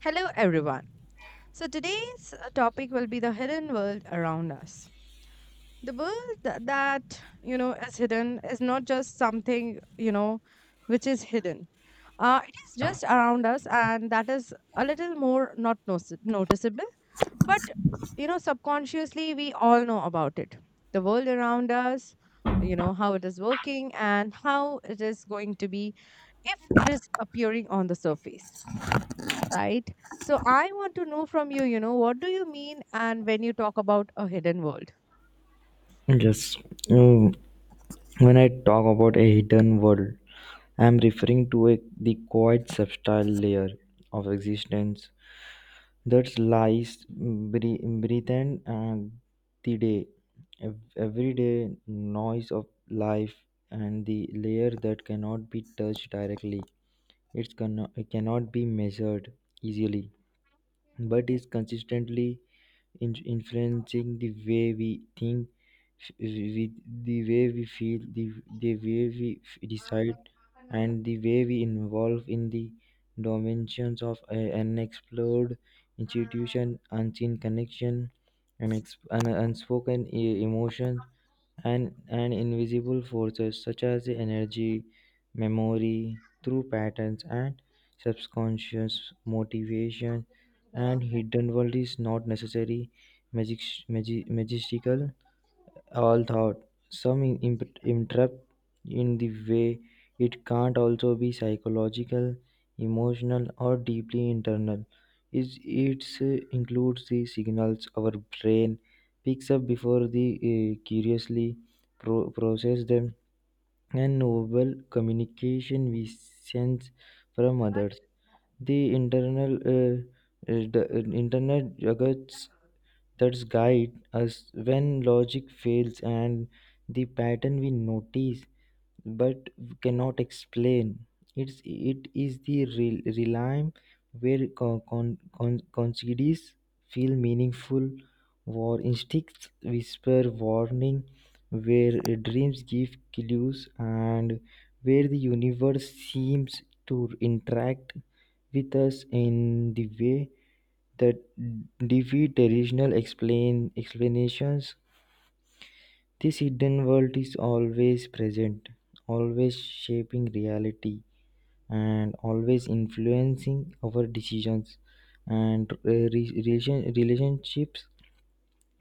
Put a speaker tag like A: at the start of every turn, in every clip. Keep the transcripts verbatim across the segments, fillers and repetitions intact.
A: Hello, everyone. So, today's uh, topic will be the hidden world around us. The world tha- that, you know, is hidden is not just something, you know, which is hidden. Uh, it is just around us, and that is a little more not notice- noticeable. But, you know, subconsciously, we all know about it. The world around us, you know, how it is working and how it is going to be if it is appearing on the surface, right? So I want to know from you, you know, what do you mean and when you talk about a hidden world?
B: Yes. Mm, When I talk about a hidden world, I'm referring to a, the quiet subtle layer of existence that lies bre- breathed and the day, ev- everyday noise of life, and the layer that cannot be touched directly. It's cannot, it cannot be measured easily, but is consistently in- influencing the way we think, f- we, the way we feel, the, the way we f- decide, and the way we involve in the dimensions of a- an explored institution, unseen connection, and ex- an unspoken e- emotion, and and invisible forces such as the energy memory through patterns and subconscious motivation. And hidden world is not necessary magic, magi- magistical all thought. Some in- imp- interrupt in the way it can't also be psychological, emotional, or deeply internal. Is it includes the signals our brain picks up before the uh, curiously pro- process them, and novel communication we sense from others. The internal, uh, uh, the, uh, internet juggles that's guide us when logic fails and the pattern we notice but cannot explain. It's, it is the re- realm where con- con- con- consequences feel meaningful, war instincts whisper warning, where dreams give clues, and where the universe seems to interact with us in the way that defeat traditional explain explanations. This hidden world is always present, always shaping reality, and always influencing our decisions and uh, re- relation- relationships,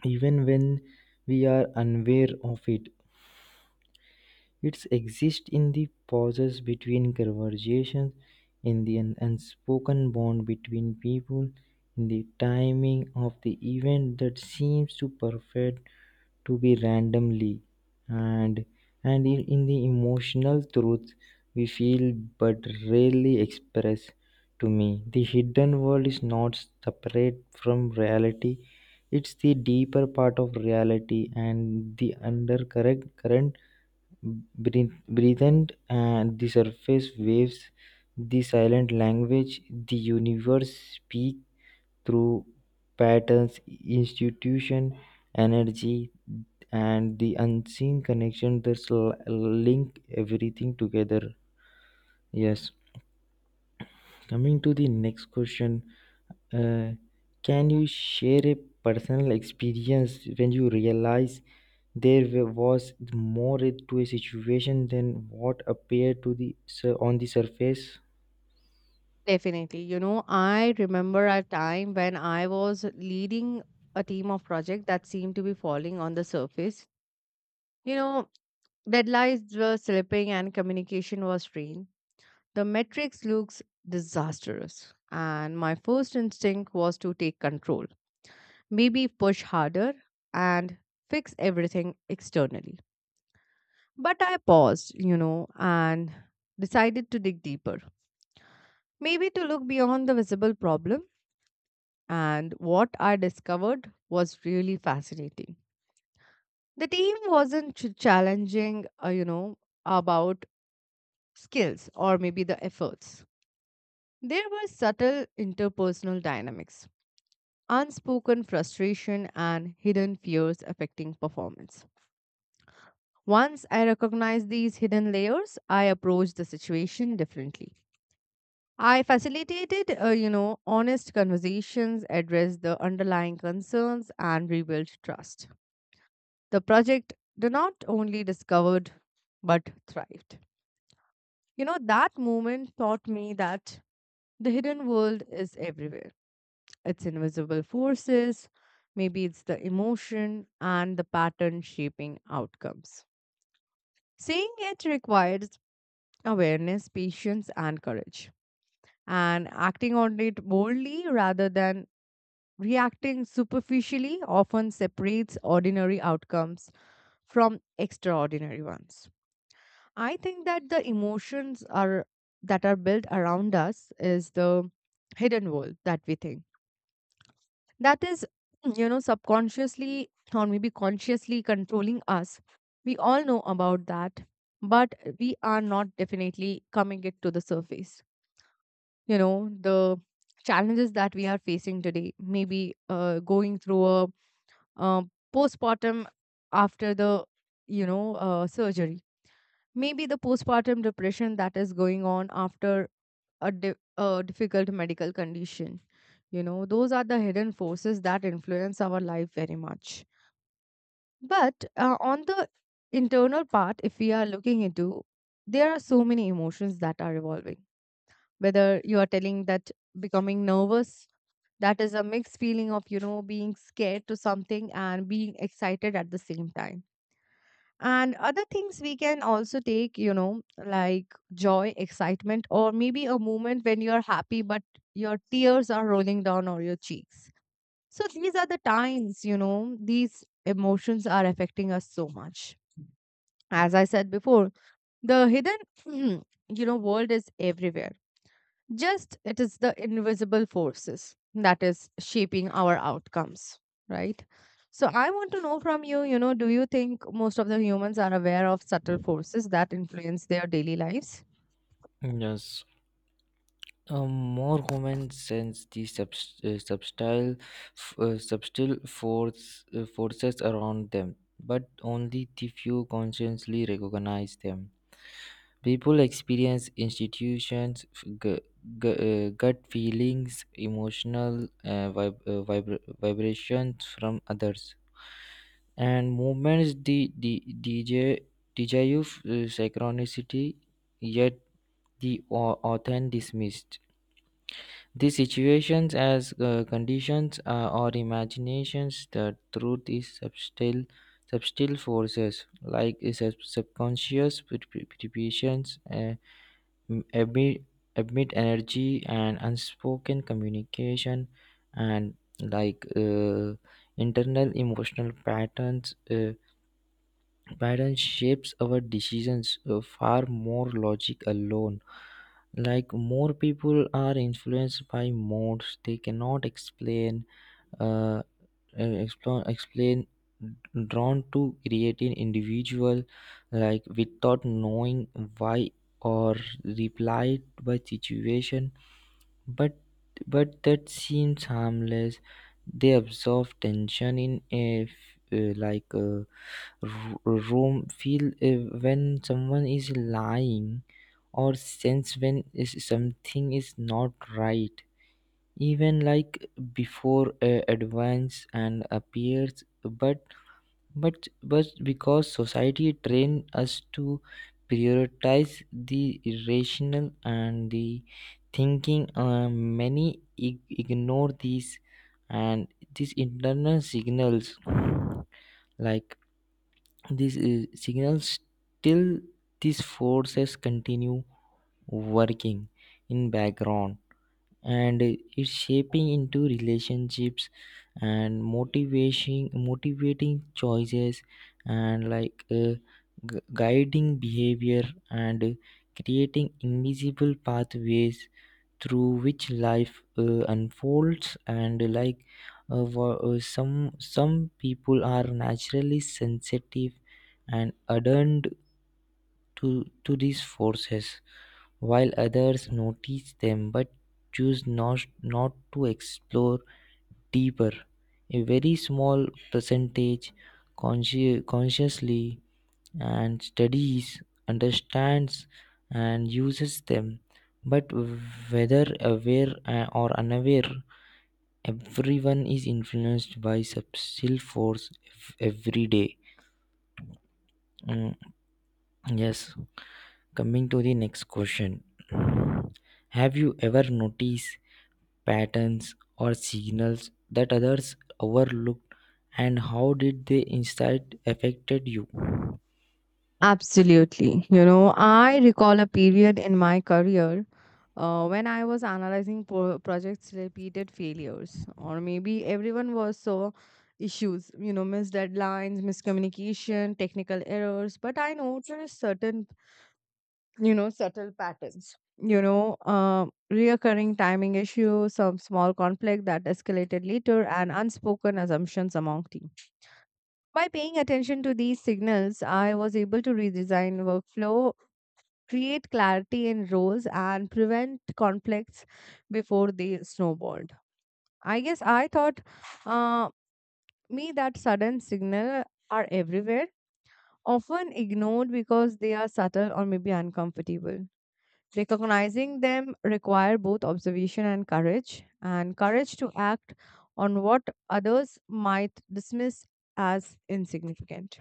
B: even when we are unaware of it. It exists in the pauses between conversations, in the un- unspoken bond between people, in the timing of the event that seems to perfect to be randomly, and and in, in the emotional truth we feel but rarely express. To me, the hidden world is not separate from reality. It's the deeper part of reality and the undercurrent current. Breathe, breathed and the surface waves, the silent language, the universe speak through patterns, institution, energy, and the unseen connection that link everything together. Yes. Coming to the next question, uh, can you share a personal experience when you realize there wa- was more to a situation than what appeared to the sur- on the surface?
A: Definitely. You know, I remember a time when I was leading a team of project that seemed to be falling on the surface. You know, deadlines were slipping and communication was strained. The metrics looks disastrous, and my first instinct was to take control, maybe push harder and fix everything externally. But I paused, you know, and decided to dig deeper, maybe to look beyond the visible problem. And what I discovered was really fascinating. The team wasn't ch- challenging, uh, you know, about skills or maybe the efforts. There were subtle interpersonal dynamics, unspoken frustration, and hidden fears affecting performance. Once I recognized these hidden layers, I approached the situation differently. I facilitated, uh, you know, honest conversations, addressed the underlying concerns, and rebuilt trust. The project did not only discovered but thrived. You know, that moment taught me that the hidden world is everywhere, it's invisible forces, maybe it's the emotion and the pattern shaping outcomes. Seeing it requires awareness, patience, and courage. And acting on it boldly rather than reacting superficially often separates ordinary outcomes from extraordinary ones. I think that the emotions are that are built around us is the hidden world that we think that is, you know, subconsciously or maybe consciously controlling us. We all know about that, but we are not definitely coming it to the surface. You know, the challenges that we are facing today, maybe uh, going through a uh, postpartum after the, you know, uh, surgery, maybe the postpartum depression that is going on after a, di- a difficult medical condition. You know, those are the hidden forces that influence our life very much. But uh, on the internal part, if we are looking into, there are so many emotions that are evolving. Whether you are telling that becoming nervous, that is a mixed feeling of, you know, being scared to something and being excited at the same time, and other things we can also take, you know, like joy, excitement, or maybe a moment when you're happy but your tears are rolling down or your cheeks. So these are the times, you know, these emotions are affecting us so much. As I said before, the hidden, you know, world is everywhere, just it is the invisible forces that is shaping our outcomes, right? So I want to know from you, you know, do you think most of the humans are aware of subtle forces that influence their daily lives?
B: Yes, a more human sense the subs- uh, subtle, f- uh, subtle force, uh, forces around them, but only the few consciously recognize them. People experience institutions, f- gu- gu- uh, gut feelings, emotional uh, vib- uh, vibra- vibrations from others, and movements the the D J D J of uh, synchronicity, yet the au- author dismissed. These situations as uh, conditions uh, or imaginations. The truth is subtle, subtle forces, like uh, sub- subconscious pre- pre- preparations, uh, m- emit, emit energy and unspoken communication, and like, uh, internal emotional patterns uh, patterns shapes our decisions uh, far more logic alone. Like more people are influenced by modes they cannot explain, uh, uh, explore, explain, drawn to creating individual, like without knowing why, or replied by situation, but but that seems harmless. They absorb tension in a f- uh, like a r- room feel, uh, when someone is lying or sense when is something is not right, even like before uh, advance and appears. But but but because society train us to prioritize the irrational and the thinking, uh, many ig- ignore these and these internal signals, like these uh, signals, till these forces continue working in background. And it's shaping into relationships and motivation motivating choices, and like uh, gu- guiding behavior and creating invisible pathways through which life uh, unfolds. And like, uh, wha- uh, some some people are naturally sensitive and adhered to to these forces, while others notice them but choose not, not to explore deeper. A very small percentage consci- consciously and studies, understands, and uses them. But whether aware uh, or unaware, everyone is influenced by subtle force ev- every day. Mm, yes. Coming to the next question. Have you ever noticed patterns or signals that others overlooked, and how did they insight affected you?
A: Absolutely. You know, I recall a period in my career uh, when I was analyzing pro- projects' repeated failures, or maybe everyone was so issues, you know, missed deadlines, miscommunication, technical errors. But I noticed certain, you know, subtle patterns, you know, uh, reoccurring timing issues, some small conflict that escalated later, and unspoken assumptions among teams. By paying attention to these signals, I was able to redesign workflow, create clarity in roles, and prevent conflicts before they snowballed. I guess I thought uh, me that sudden signal are everywhere, often ignored because they are subtle or maybe uncomfortable. Recognizing them require both observation and courage, and courage to act on what others might dismiss as insignificant.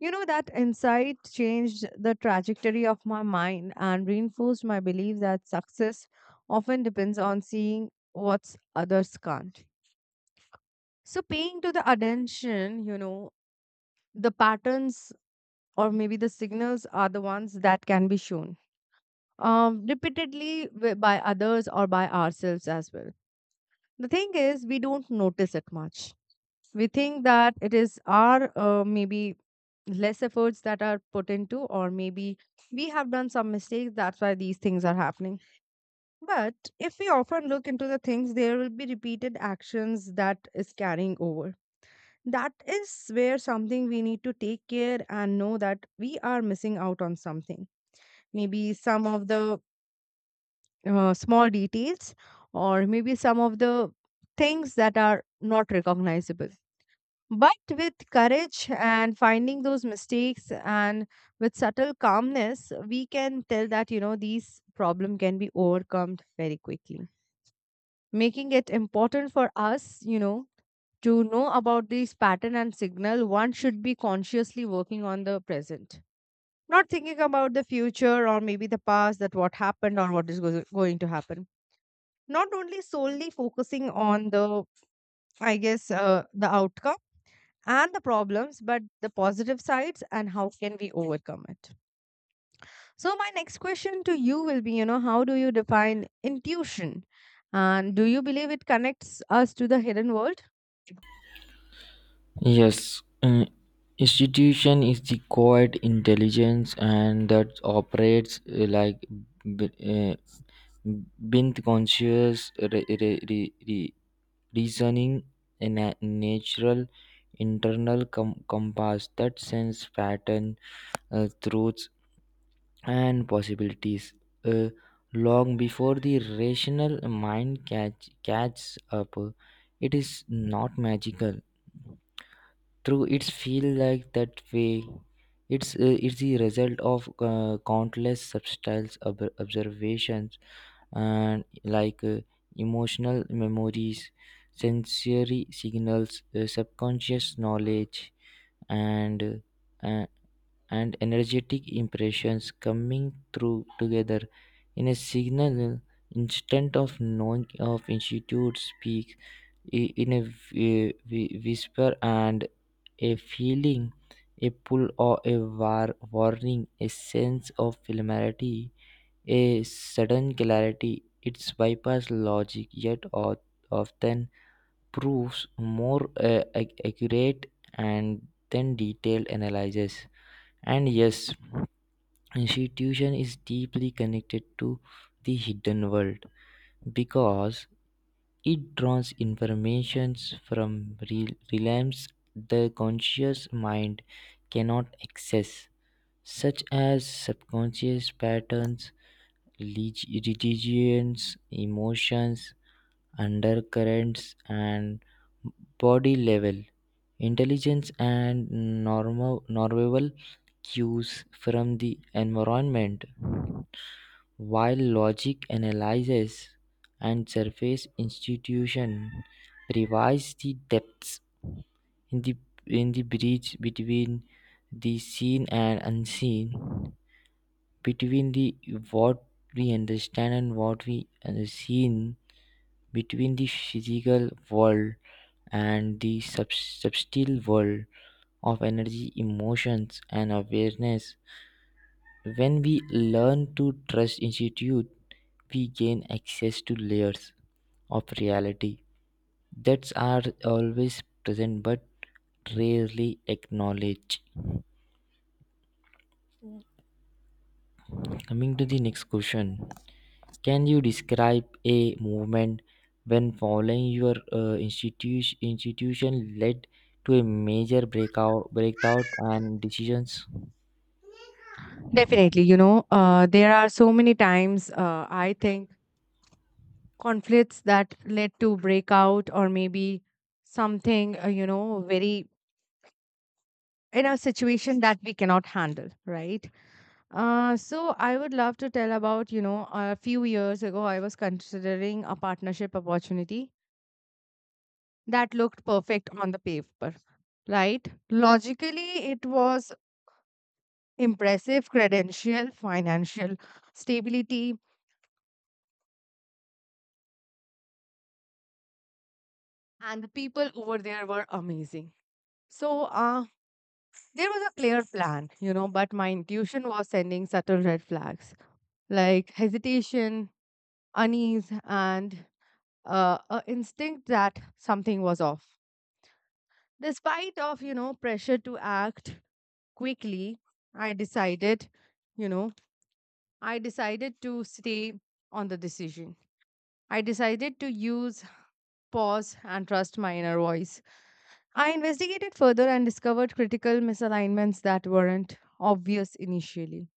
A: You know, that insight changed the trajectory of my mind and reinforced my belief that success often depends on seeing what others can't. So, paying to the attention, you know, the patterns or maybe the signals are the ones that can be shown, um, repeatedly wi- by others or by ourselves as well. The thing is, we don't notice it much. We think that it is our uh, maybe less efforts that are put into, or maybe we have done some mistakes, that's why these things are happening. But if we often look into the things, there will be repeated actions that is carrying over. That is where something we need to take care and know that we are missing out on something, maybe some of the uh, small details or maybe some of the things that are not recognizable. But with courage and finding those mistakes and with subtle calmness, we can tell that, you know, these problem can be overcome very quickly. Making it important for us, you know, to know about these pattern and signal, one should be consciously working on the present. Not thinking about the future or maybe the past, that what happened or what is go- going to happen. Not only solely focusing on the, I guess, uh, the outcome and the problems, but the positive sides and how can we overcome it. So, my next question to you will be, you know, how do you define intuition? And do you believe it connects us to the hidden world?
B: Yes, uh, institution is the quiet intelligence and that operates, uh, like b- uh, beneath conscious re- re- re- re- reasoning, a na- natural internal com- compass that sense pattern, uh, truths, and possibilities, uh, long before the rational mind catch, catches up. It is not magical. Through its feel like that way. It's, uh, it's the result of uh, countless subtle ob- observations, and like, uh, emotional memories, sensory signals, uh, subconscious knowledge, and uh, and energetic impressions coming through together, in a signal instant of knowing of institute speak i- in a whi- whi- whisper and a feeling, a pull or a war warning, a sense of familiarity, a sudden clarity. Its bypass logic yet o- often proves more uh, ac- accurate and then detailed analysis. And yes, institution is deeply connected to the hidden world, because it draws information from re- realms the conscious mind cannot access, such as subconscious patterns, leg- religions, emotions, undercurrents, and body level intelligence and normal, normal cues from the environment. While logic analyzes and surface institution provides the depths, in the in the bridge between the seen and unseen, between the what we understand and what we unseen, between the physical world and the sub- subtle world of energy, emotions, and awareness. When we learn to trust institute, we gain access to layers of reality that are always present but rarely acknowledged. Coming to the next question, can you describe a movement when following your uh, institution institution led to a major breakout breakout and decisions?
A: Definitely, you know, uh, there are so many times uh, I think conflicts that led to breakout or maybe something, uh, you know, very in a situation that we cannot handle, right? Uh, so I would love to tell about, you know, a few years ago, I was considering a partnership opportunity that looked perfect on the paper, right? Logically, it was impressive credential, financial stability, and the people over there were amazing. So, uh, there was a clear plan, you know, but my intuition was sending subtle red flags like hesitation, unease, and uh, a instinct that something was off. Despite of, you know, pressure to act quickly, i decided you know i decided to stay on the decision. I decided to use pause and trust my inner voice. I investigated further and discovered critical misalignments that weren't obvious initially.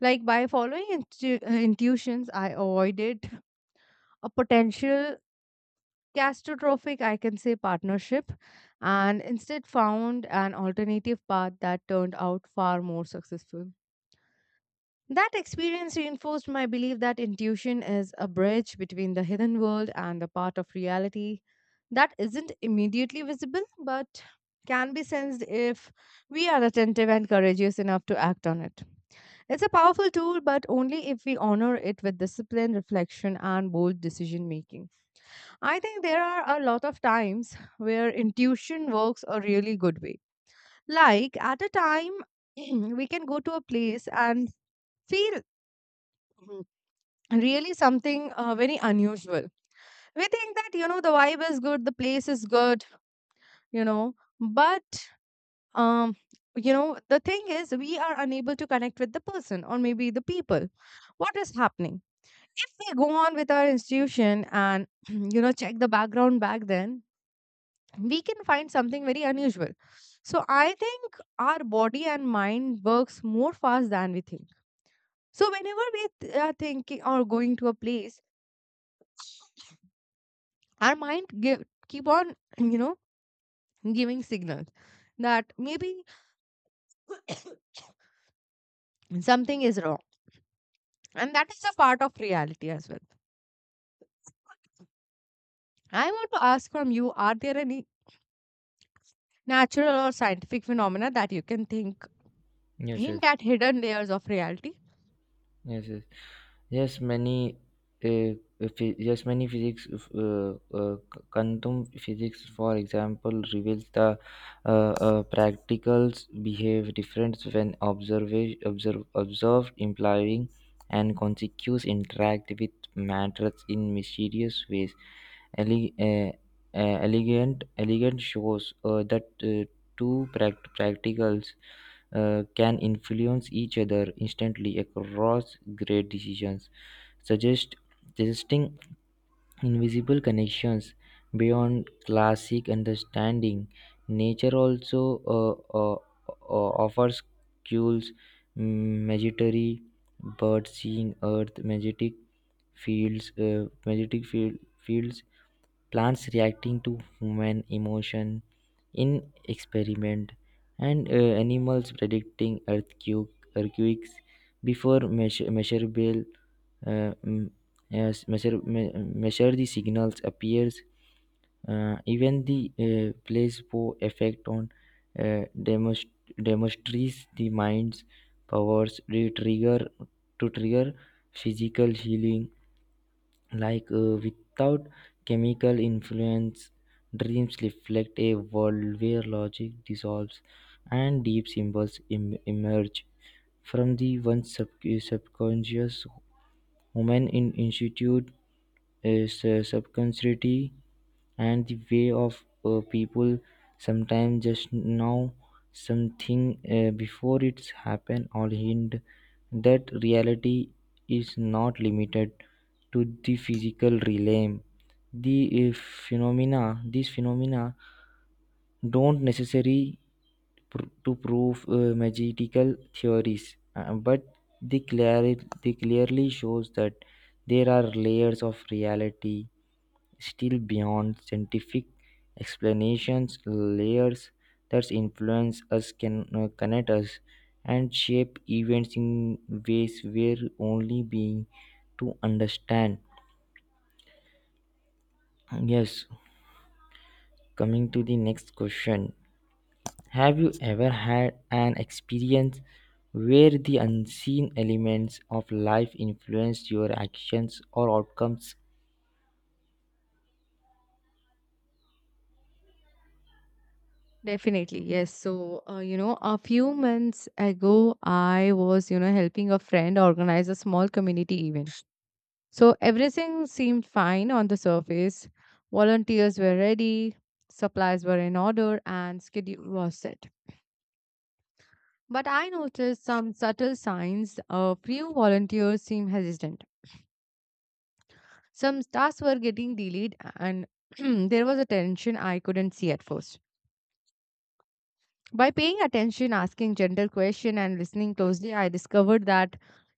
A: Like by following intu- uh, intuitions, I avoided a potential catastrophic, I can say, partnership, and instead found an alternative path that turned out far more successful. That experience reinforced my belief that intuition is a bridge between the hidden world and the part of reality that isn't immediately visible but can be sensed if we are attentive and courageous enough to act on it. It's a powerful tool, but only if we honor it with discipline, reflection, and bold decision making. I think there are a lot of times where intuition works a really good way. Like at a time, we can go to a place and feel mm, really something uh, very unusual. We think that, you know, the vibe is good, the place is good, you know, but, um, you know, the thing is, we are unable to connect with the person or maybe the people. What is happening? If we go on with our institution and, you know, check the background back then, we can find something very unusual. So I think our body and mind works more fast than we think. So whenever we th- are thinking or going to a place, our mind give, keep on, you know, giving signals that maybe something is wrong. And that is a part of reality as well. I want to ask from you, are there any natural or scientific phenomena that you can think
B: Yes, yes.
A: hint at hidden layers of reality?
B: Yes, yes, yes. Many, uh, phy- yes, many physics, uh, uh, quantum physics, for example, reveals the uh, uh, practicals behave different when observation observe observed, implying and consequence interact with matters in mysterious ways. Ele- uh, uh, elegant, Elegant shows uh, that uh, two pract- practicals uh, can influence each other instantly across great decisions, suggest, suggesting invisible connections beyond classic understanding. Nature also uh, uh, uh, offers cues, magitary bird seeing earth, magnetic fields, uh, magnetic field, fields, plants reacting to human emotion in experiment, and uh, animals predicting earthquake, earthquakes before measure, measurable, uh, mm, as measure, me, measure the signals appears. Uh, even the uh, placebo effect on uh, demonst- demonstrates the mind's powers to trigger to trigger physical healing, like uh, without chemical influence. Dreams reflect a world where logic dissolves and deep symbols em- emerge from the one sub- subconscious. Women in Institute is uh, subconsciously, and the way of uh, people sometimes just know something uh, before it's happened, or hint that reality is not limited to the physical realm. The uh, phenomena these phenomena don't necessarily pr- to prove uh, magical theories, uh, but they, clari- they clearly shows that there are layers of reality still beyond scientific explanations, layers that influence us, can uh, connect us, and shape events in ways we're only being to understand. Yes, coming to the next question. Have you ever had an experience where the unseen elements of life influenced your actions or outcomes?
A: Definitely, yes. So, uh, you know, a few months ago, I was, you know, helping a friend organize a small community event. So, everything seemed fine on the surface. Volunteers were ready, supplies were in order, and schedule was set. But I noticed some subtle signs. A few volunteers seemed hesitant. Some tasks were getting delayed, and there was a tension I couldn't see at first. By paying attention, asking gentle questions, and listening closely, I discovered that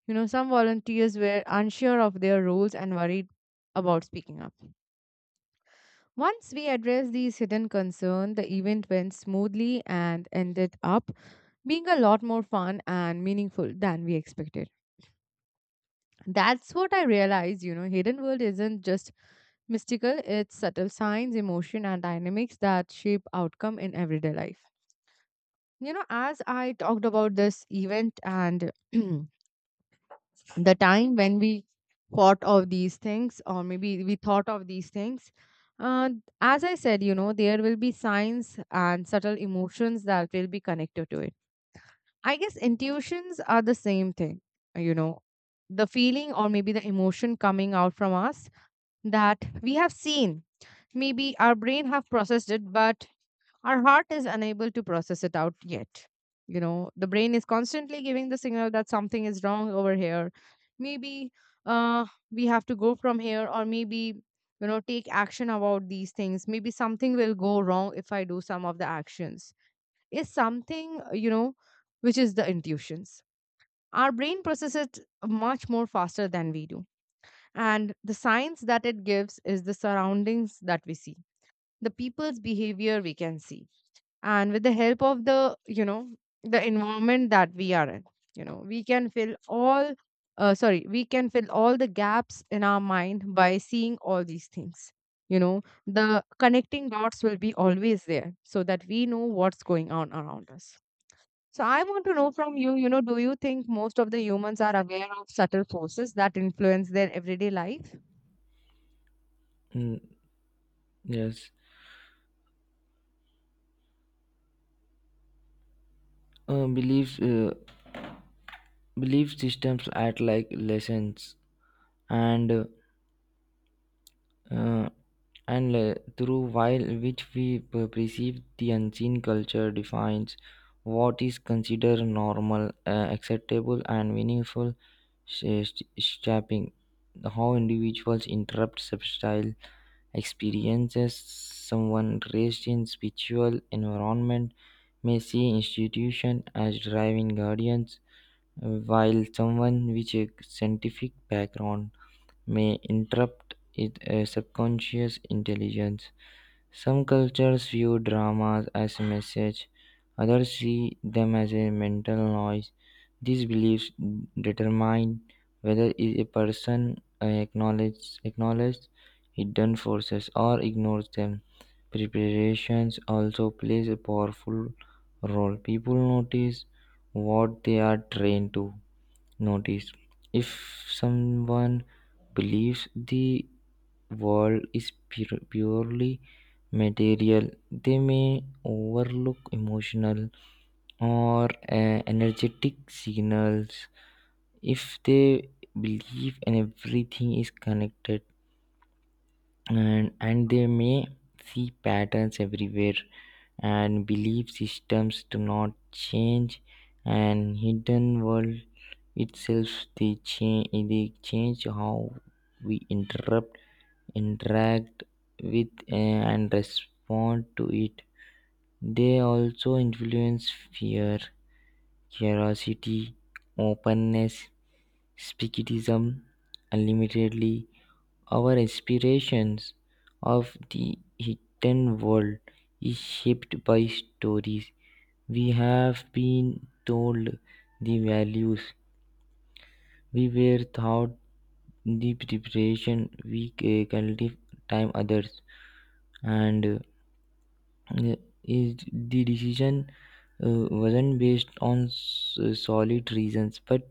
A: you know some volunteers were unsure of their roles and worried about speaking up. Once we addressed these hidden concerns, the event went smoothly and ended up being a lot more fun and meaningful than we expected. That's what I realized. You know hidden world isn't just mystical. It's subtle signs, emotion, and dynamics that shape outcome in everyday life. You know as I talked about this event and the time when we thought of these things, or maybe we thought of these things, uh, as I said, you know there will be signs and subtle emotions that will be connected to it. I guess intuitions are the same thing. You know the feeling, or maybe the emotion, coming out from us that we have seen. Maybe our brain have processed it, but our heart is unable to process it out yet. You know, the brain is constantly giving the signal that something is wrong over here. Maybe uh, we have to go from here, or maybe, you know, take action about these things. Maybe something will go wrong if I do some of the actions. Is something, uh, you know, which is the intuitions. Our brain processes it much more faster than we do. And the signs that it gives is the surroundings that we see, the people's behavior we can see, and with the help of the you know the environment that we are in, you know we can fill all uh, sorry we can fill all the gaps in our mind by seeing all these things. You know the connecting dots will be always there so that we know what's going on around us. So I want to know from you, you know do you think most of the humans are aware of subtle forces that influence their everyday life?
B: Mm, yes. Uh, beliefs, uh, belief systems act like lessons, and uh, and uh, through while which we per- perceive the unseen. Culture defines what is considered normal, uh, acceptable and meaningful, sh- sh- shaping how individuals interrupt substyle experiences. Someone raised in spiritual environment may see institution as driving guardians, while someone with a scientific background may interrupt it uh, subconscious intelligence. Some cultures view dramas as a message, others see them as a mental noise. These beliefs determine whether a person acknowledges, acknowledges hidden forces or ignores them. Preparations also plays a powerful role. People notice what they are trained to notice. If someone believes the world is pure- purely material, they may overlook emotional or uh, energetic signals. If they believe and everything is connected, and and they may see patterns everywhere. And belief systems do not change and hidden world itself, they change they change how we interrupt interact with uh, and respond to it. They also influence fear, curiosity, openness, skepticism, unlimitedly our aspirations of the hidden world is shaped by stories we have been told, the values we were taught, the preparation we uh, cultivate time others, and uh, Uh, is the decision uh, wasn't based on s- uh, solid reasons, but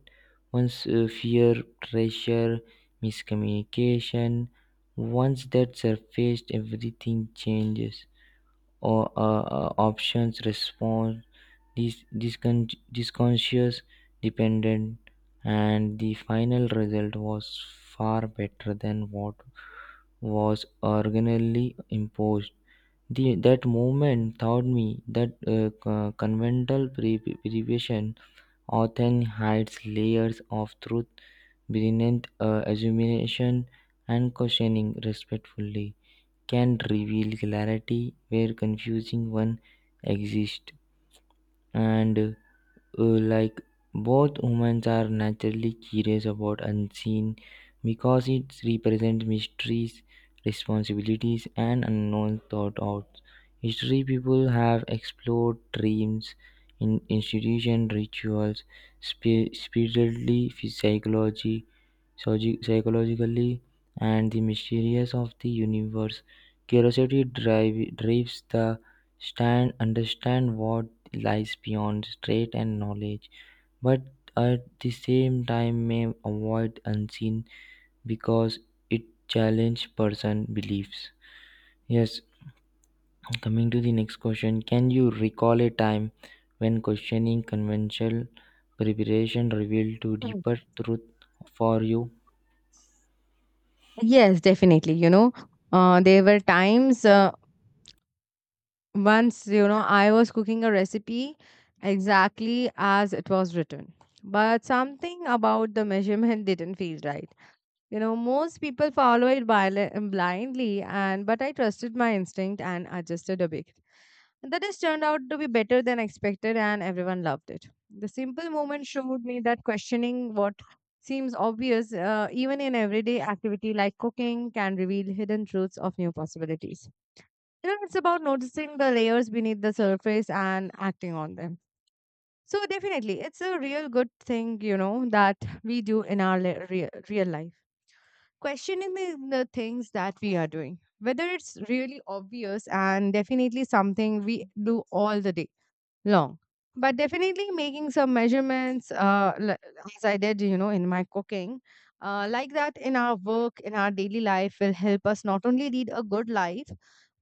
B: once uh, fear, pressure, miscommunication, once that surfaced everything changes, or uh, uh, options respond this discon- disconscious dependent, and the final result was far better than what was originally imposed. The That movement taught me that uh, co- conventional pre- prevision often hides layers of truth beneath uh, assumption, and questioning respectfully can reveal clarity where confusing one exists. And uh, like, both humans are naturally curious about unseen, because it represents mysteries, responsibilities, and unknown thought outs. History people have explored dreams in institution rituals, spi- spiritually, psychology, psychi- psychologically, and the mysterious of the universe. Curiosity drive, drives the stand understand what lies beyond straight and knowledge, but at the same time may avoid unseen because it challenges person beliefs. Yes, coming to the next question. Can you recall a time when questioning conventional preparation revealed to
A: Mm.
B: deeper truth for you?
A: Yes, definitely. You know, uh, there were times, uh, once, you know, I was cooking a recipe exactly as it was written, but something about the measurement didn't feel right. You know, most people follow it bil- blindly, and but I trusted my instinct and adjusted a bit. And that has turned out to be better than expected, and everyone loved it. The simple moment showed me that questioning what seems obvious, uh, even in everyday activity like cooking, can reveal hidden truths of new possibilities. You know, it's about noticing the layers beneath the surface and acting on them. So, definitely, it's a real good thing, you know, that we do in our le- real, real life, questioning the, the things that we are doing, whether it's really obvious, and definitely something we do all the day long. But definitely making some measurements, uh, l- as I did, you know, in my cooking, uh, like that, in our work, in our daily life, will help us not only lead a good life,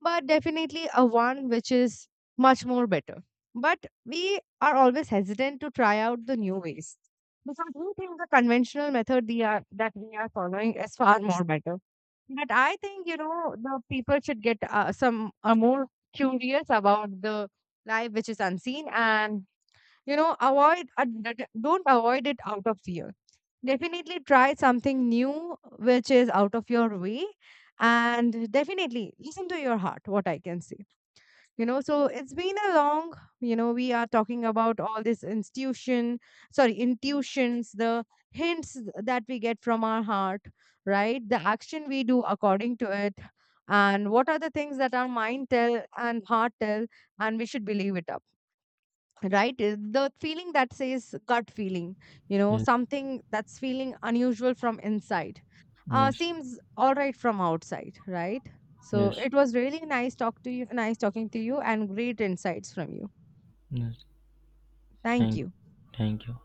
A: but definitely a one which is much more better. But we are always hesitant to try out the new ways because we think the conventional method we are that we are following is far more better. But I think, you know, the people should get uh, some uh, more curious about the life which is unseen, and, you know, avoid, uh, d- d- don't avoid it out of fear. Definitely try something new which is out of your way. And definitely listen to your heart, what I can say. You know so it's been a long, you know we are talking about all this institution, sorry, intuitions, the hints that we get from our heart, right? The action we do according to it, and what are the things that our mind tell and heart tell, and we should believe it, right? Uh, the feeling that says gut feeling, you know
B: Yes.
A: something that's feeling unusual from inside uh
B: Yes.
A: seems all right from outside, right? So
B: Yes.
A: it was really nice talk to you nice talking to you and great insights from you.
B: Yes.
A: Thank
B: Thank.
A: you.
B: Thank you.